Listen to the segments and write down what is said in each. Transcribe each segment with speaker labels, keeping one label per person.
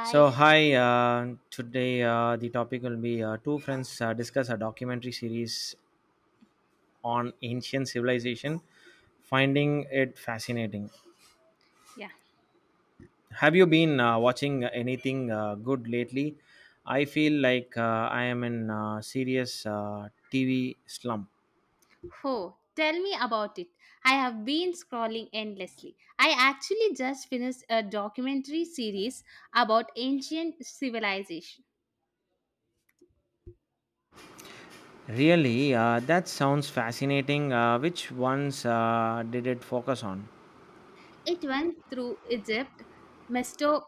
Speaker 1: So, hi, today the topic will be two friends discuss a documentary series on ancient civilization, finding it fascinating.
Speaker 2: Yeah.
Speaker 1: Have you been watching anything good lately? I feel like I am in a serious TV slump.
Speaker 2: Oh, tell me about it. I have been scrolling endlessly. I actually just finished a documentary series about ancient civilization.
Speaker 1: Really, that sounds fascinating. Which ones did it focus on?
Speaker 2: It went through Egypt, Mesto-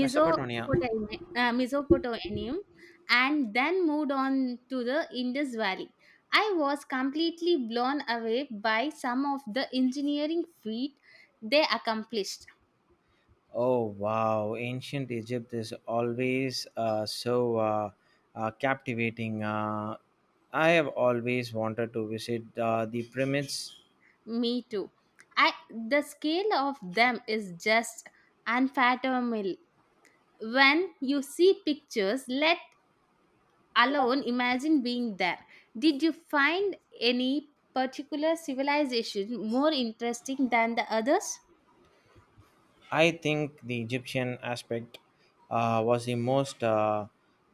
Speaker 1: Mesopotamia.
Speaker 2: Mesopotamia, and then moved on to the Indus Valley. I was completely blown away by some of the engineering feat they accomplished.
Speaker 1: Oh wow, ancient Egypt is always so captivating. I have always wanted to visit the pyramids.
Speaker 2: Me too. I the scale of them is just unfathomable. When you see pictures, let alone imagine being there. Did you find any particular civilization more interesting than the others?
Speaker 1: I think the Egyptian aspect was the most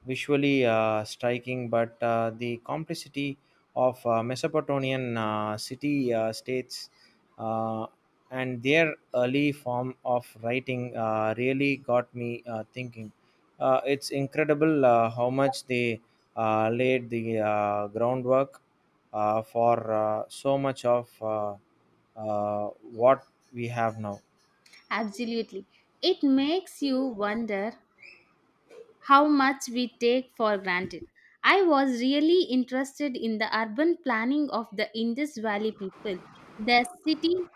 Speaker 1: visually striking, but the complexity of Mesopotamian city states uh, and their early form of writing really got me thinking. It's incredible how much they laid the groundwork for so much of what we have now.
Speaker 2: Absolutely. It makes you wonder how much we take for granted. I was really interested in the urban planning of the Indus Valley people. Their city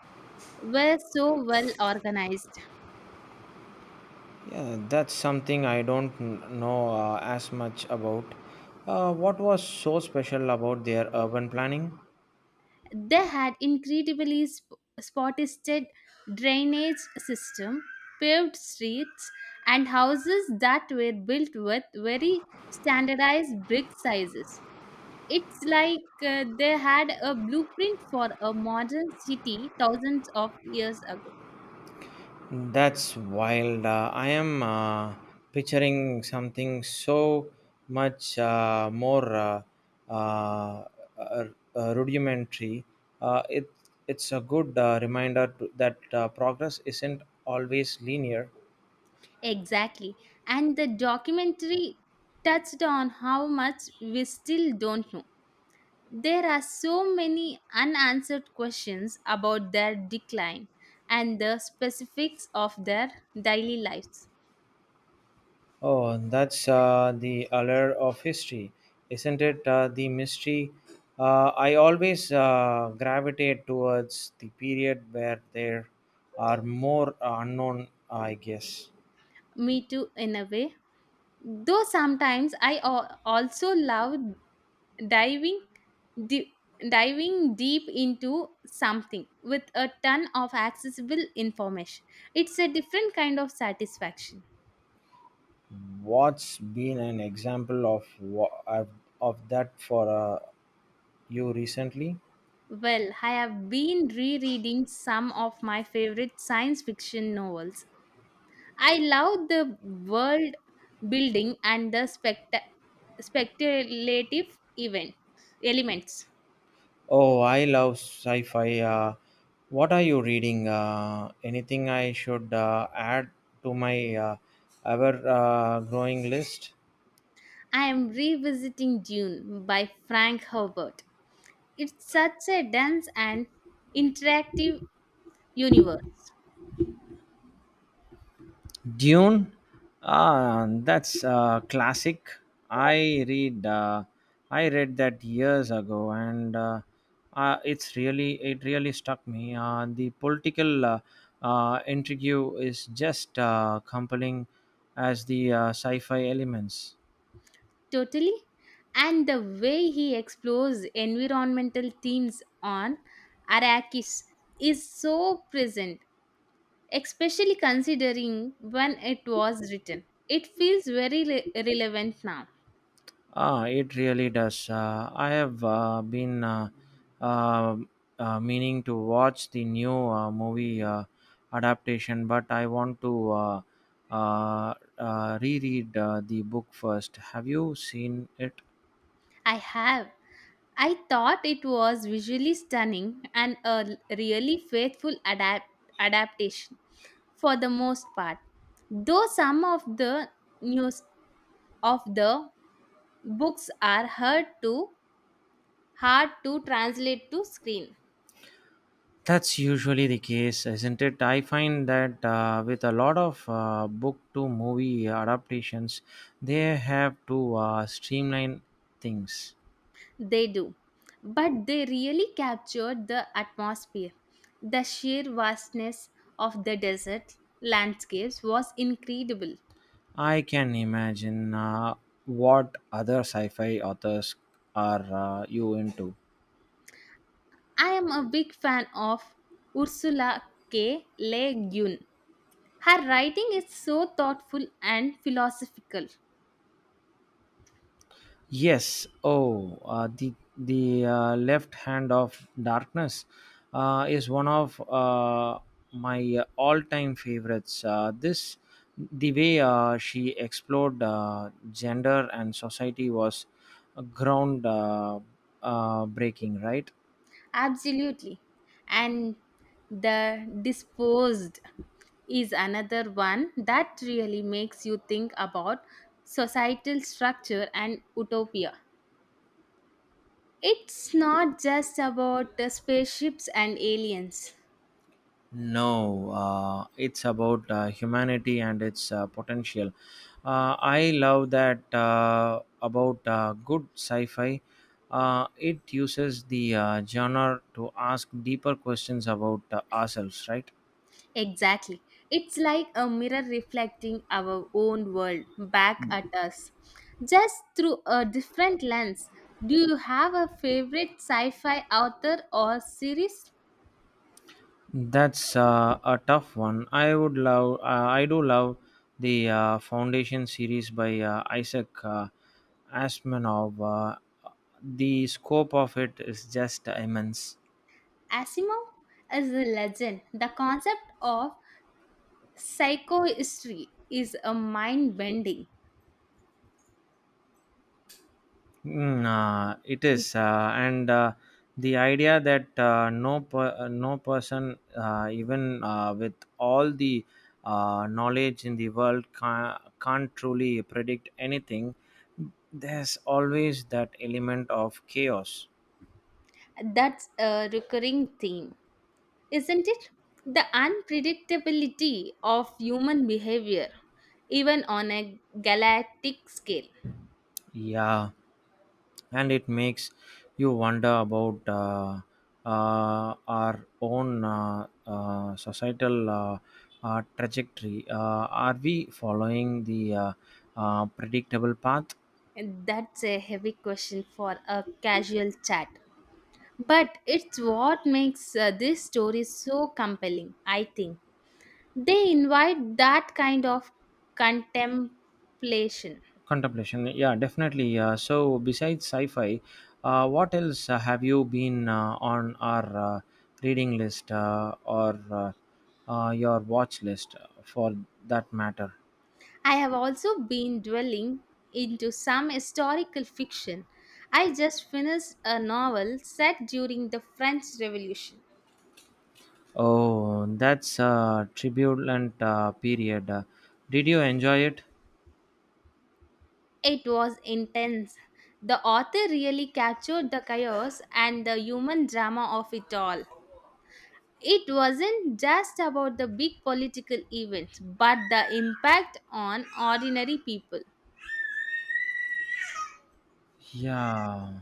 Speaker 2: were so well organized.
Speaker 1: Yeah, that's something I don't know as much about. What was so special about their urban planning?
Speaker 2: They had incredibly spotted drainage system, paved streets, and houses that were built with very standardized brick sizes. It's like they had a blueprint for a modern city thousands of years ago.
Speaker 1: That's wild. I am picturing something so much more uh, rudimentary. Uh, it, it's a good reminder to, that progress isn't always linear.
Speaker 2: Exactly. And the documentary touched on how much we still don't know. There are so many unanswered questions about their decline and the specifics of their daily lives.
Speaker 1: Oh, that's the allure of history, isn't it? The mystery. I always gravitate towards the period where there are more unknown, I guess.
Speaker 2: Me too, in a way. Though sometimes I also love diving di- diving deep into something with a ton of accessible information. It's a different kind of satisfaction.
Speaker 1: What's been an example of of that for you recently?
Speaker 2: Well, I have been rereading some of my favorite science fiction novels. I love the world building and the speculative event elements.
Speaker 1: Oh, I love sci-fi. What are you reading? Anything I should add to my ever growing list?
Speaker 2: I am revisiting Dune by Frank Herbert. It's such a dense and interactive universe.
Speaker 1: Dune, ah, that's a classic. I read, uh, I read that years ago, and it's it really struck me. The political intrigue is just compelling as the sci-fi elements.
Speaker 2: Totally. And the way he explores environmental themes on Arrakis is so present, especially considering when it was written. It feels very relevant now.
Speaker 1: Ah, it really does. I have been uh, meaning to watch the new movie adaptation, but I want to reread the book first. Have you seen it?
Speaker 2: I have. I thought it was visually stunning and a really adaptation for the most part. Though some of the news of the books are hard to translate to screen.
Speaker 1: That's usually the case, isn't it? I find that with a lot of book to movie adaptations, they have to streamline things.
Speaker 2: They do. But they really captured the atmosphere. The sheer vastness of the desert landscapes was incredible.
Speaker 1: I can imagine what other sci fi authors are you into.
Speaker 2: I am a big fan of Ursula K. Le Guin. Her writing is so thoughtful and philosophical.
Speaker 1: Yes, oh, the left hand of darkness is one of my all time favorites. The way she explored gender and society was ground breaking, right?
Speaker 2: Absolutely. And The Disposed is another one that really makes you think about societal structure and utopia. It's not just about the spaceships and aliens.
Speaker 1: No, it's about humanity and its potential. I love that about good sci fi. It uses the genre to ask deeper questions about ourselves, right?
Speaker 2: Exactly. It's like a mirror reflecting our own world back at us, just through a different lens. Do you have a favorite sci fi author or series?
Speaker 1: That's a tough one. I do love the Foundation series by Isaac Asimov. The scope of it is just immense.
Speaker 2: Asimov is a legend. The concept of psychohistory is a mind bending.
Speaker 1: Mm, it is, and the idea that no person, even with all the knowledge in the world, can't truly predict anything. There's always that element of chaos.
Speaker 2: That's a recurring theme, isn't it? The unpredictability of human behavior, even on a galactic scale.
Speaker 1: Yeah, and it makes you wonder about our own societal trajectory. Are we following the predictable path?
Speaker 2: And that's a heavy question for a casual chat. But it's what makes this story so compelling, I think. They invite that kind of contemplation.
Speaker 1: Contemplation, yeah, definitely. So, besides sci fi, what else have you been on our reading list or your watch list for that matter?
Speaker 2: I have also been dwelling into some historical fiction. I just finished a novel set during the French Revolution.
Speaker 1: Oh, that's a turbulent period. Did you enjoy it?
Speaker 2: It was intense. The author really captured the chaos and the human drama of it all. It wasn't just about the big political events, but the impact on ordinary people.
Speaker 1: Yeah,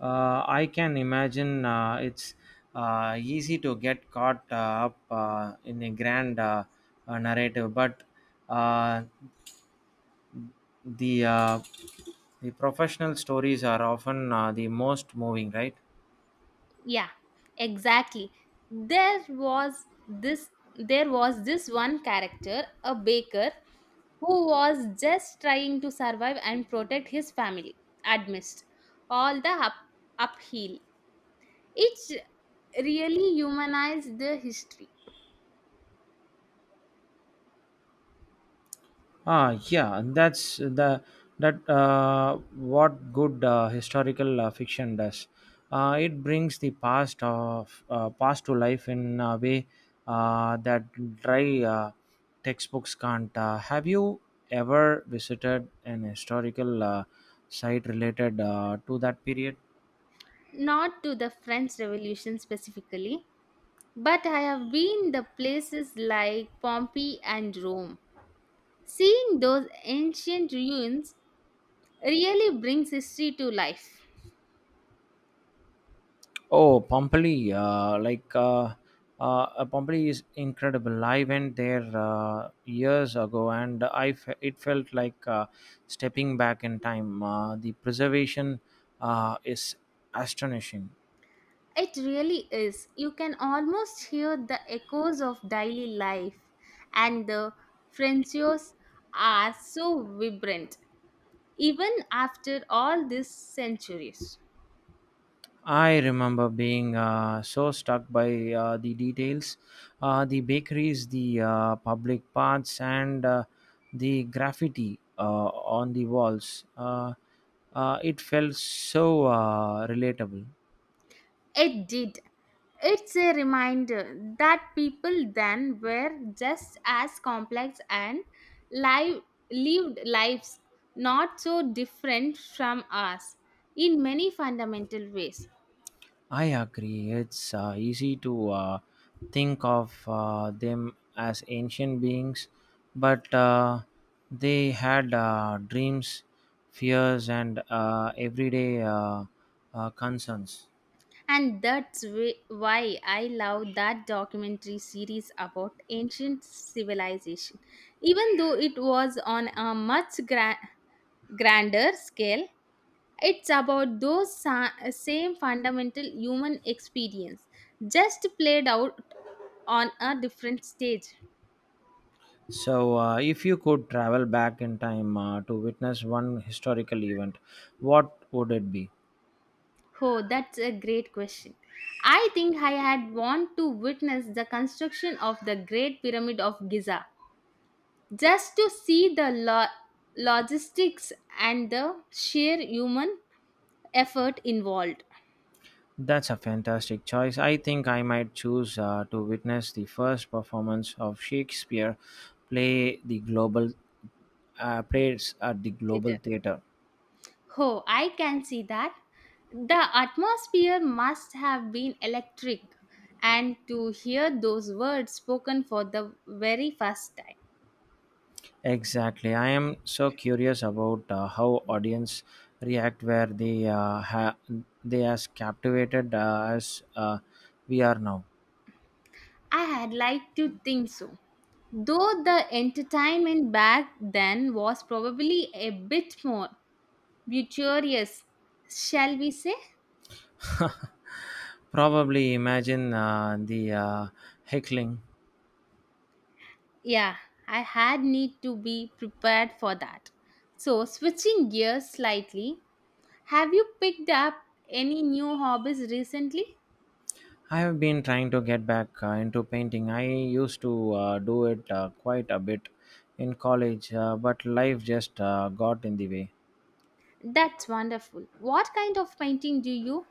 Speaker 1: I can imagine it's easy to get caught up in a grand narrative, but uh, the uh, the professional stories are often the most moving, right?
Speaker 2: Yeah, exactly. There was this there was this one character, a baker, who was just trying to survive and protect his family amidst all the upheaval. It really humanized the history,
Speaker 1: Ah, yeah, and that's the that what good historical fiction does. It brings the past to life in a way that dry textbooks can't. Have you ever visited an historical site related to that period?
Speaker 2: not to the French Revolution specifically, but I have been the places like Pompeii and Rome. Seeing those ancient ruins really brings history to life.
Speaker 1: Oh, Pompeii! Pompeii is incredible. I went there years ago, and it felt like stepping back in time. The preservation is astonishing.
Speaker 2: It really is. You can almost hear the echoes of daily life, and the frescoes are so vibrant, even after all these centuries.
Speaker 1: I remember being so struck by the details, the bakeries, the public paths, and the graffiti on the walls. It felt so relatable.
Speaker 2: It did. It's a reminder that people then were just as complex and live, lived lives not so different from us in many fundamental ways.
Speaker 1: I agree. It's easy to think of them as ancient beings, but they had dreams, fears, and everyday concerns.
Speaker 2: And that's why I love that documentary series about ancient civilization. Even though it was on a much grander scale, it's about those same fundamental human experience, just played out on a different stage.
Speaker 1: So, if you could travel back in time to witness one historical event, what would it be?
Speaker 2: Oh, that's a great question. I think I had want to witness the construction of the Great Pyramid of Giza, just to see the logistics and the sheer human effort involved.
Speaker 1: That's a fantastic choice. I think I might choose to witness the first performance of Shakespeare play the global plays at the global theater.
Speaker 2: Oh, I can see that. The atmosphere must have been electric, and to hear those words spoken for the very first time.
Speaker 1: Exactly. I am so curious about how audience react where they they as captivated as we are now.
Speaker 2: I had liked to think so. Though the entertainment back then was probably a bit more luxurious, shall we say?
Speaker 1: Probably imagine the heckling.
Speaker 2: Yeah, I had need to be prepared for that. So, switching gears slightly, have you picked up any new hobbies recently?
Speaker 1: I have been trying to get back into painting. I used to do it quite a bit in college, but life just got in the way.
Speaker 2: That's wonderful. What kind of painting do you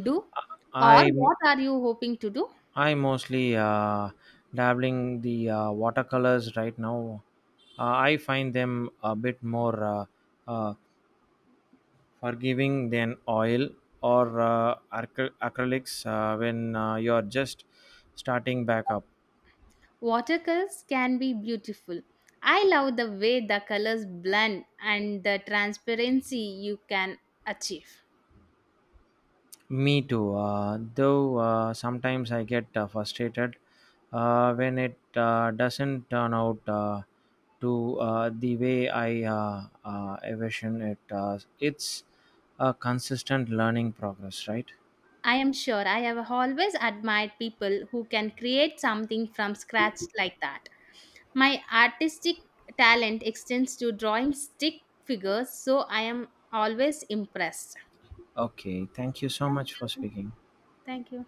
Speaker 2: do? Or
Speaker 1: I
Speaker 2: what are you hoping to do?
Speaker 1: I mostly dabbling the watercolors right now. I find them a bit more uh, forgiving than oil or acrylics when you're just starting back up.
Speaker 2: Watercolors can be beautiful. I love the way the colors blend and the transparency you can achieve.
Speaker 1: Me too. Though sometimes I get frustrated when it doesn't turn out to the way I envision it. It's a consistent learning progress, right?
Speaker 2: I am sure I have always admired people who can create something from scratch like that. My artistic talent extends to drawing stick figures, so I am always impressed.
Speaker 1: Okay. Thank you so
Speaker 2: Thank
Speaker 1: much for
Speaker 2: you.
Speaker 1: speaking.
Speaker 2: Thank you.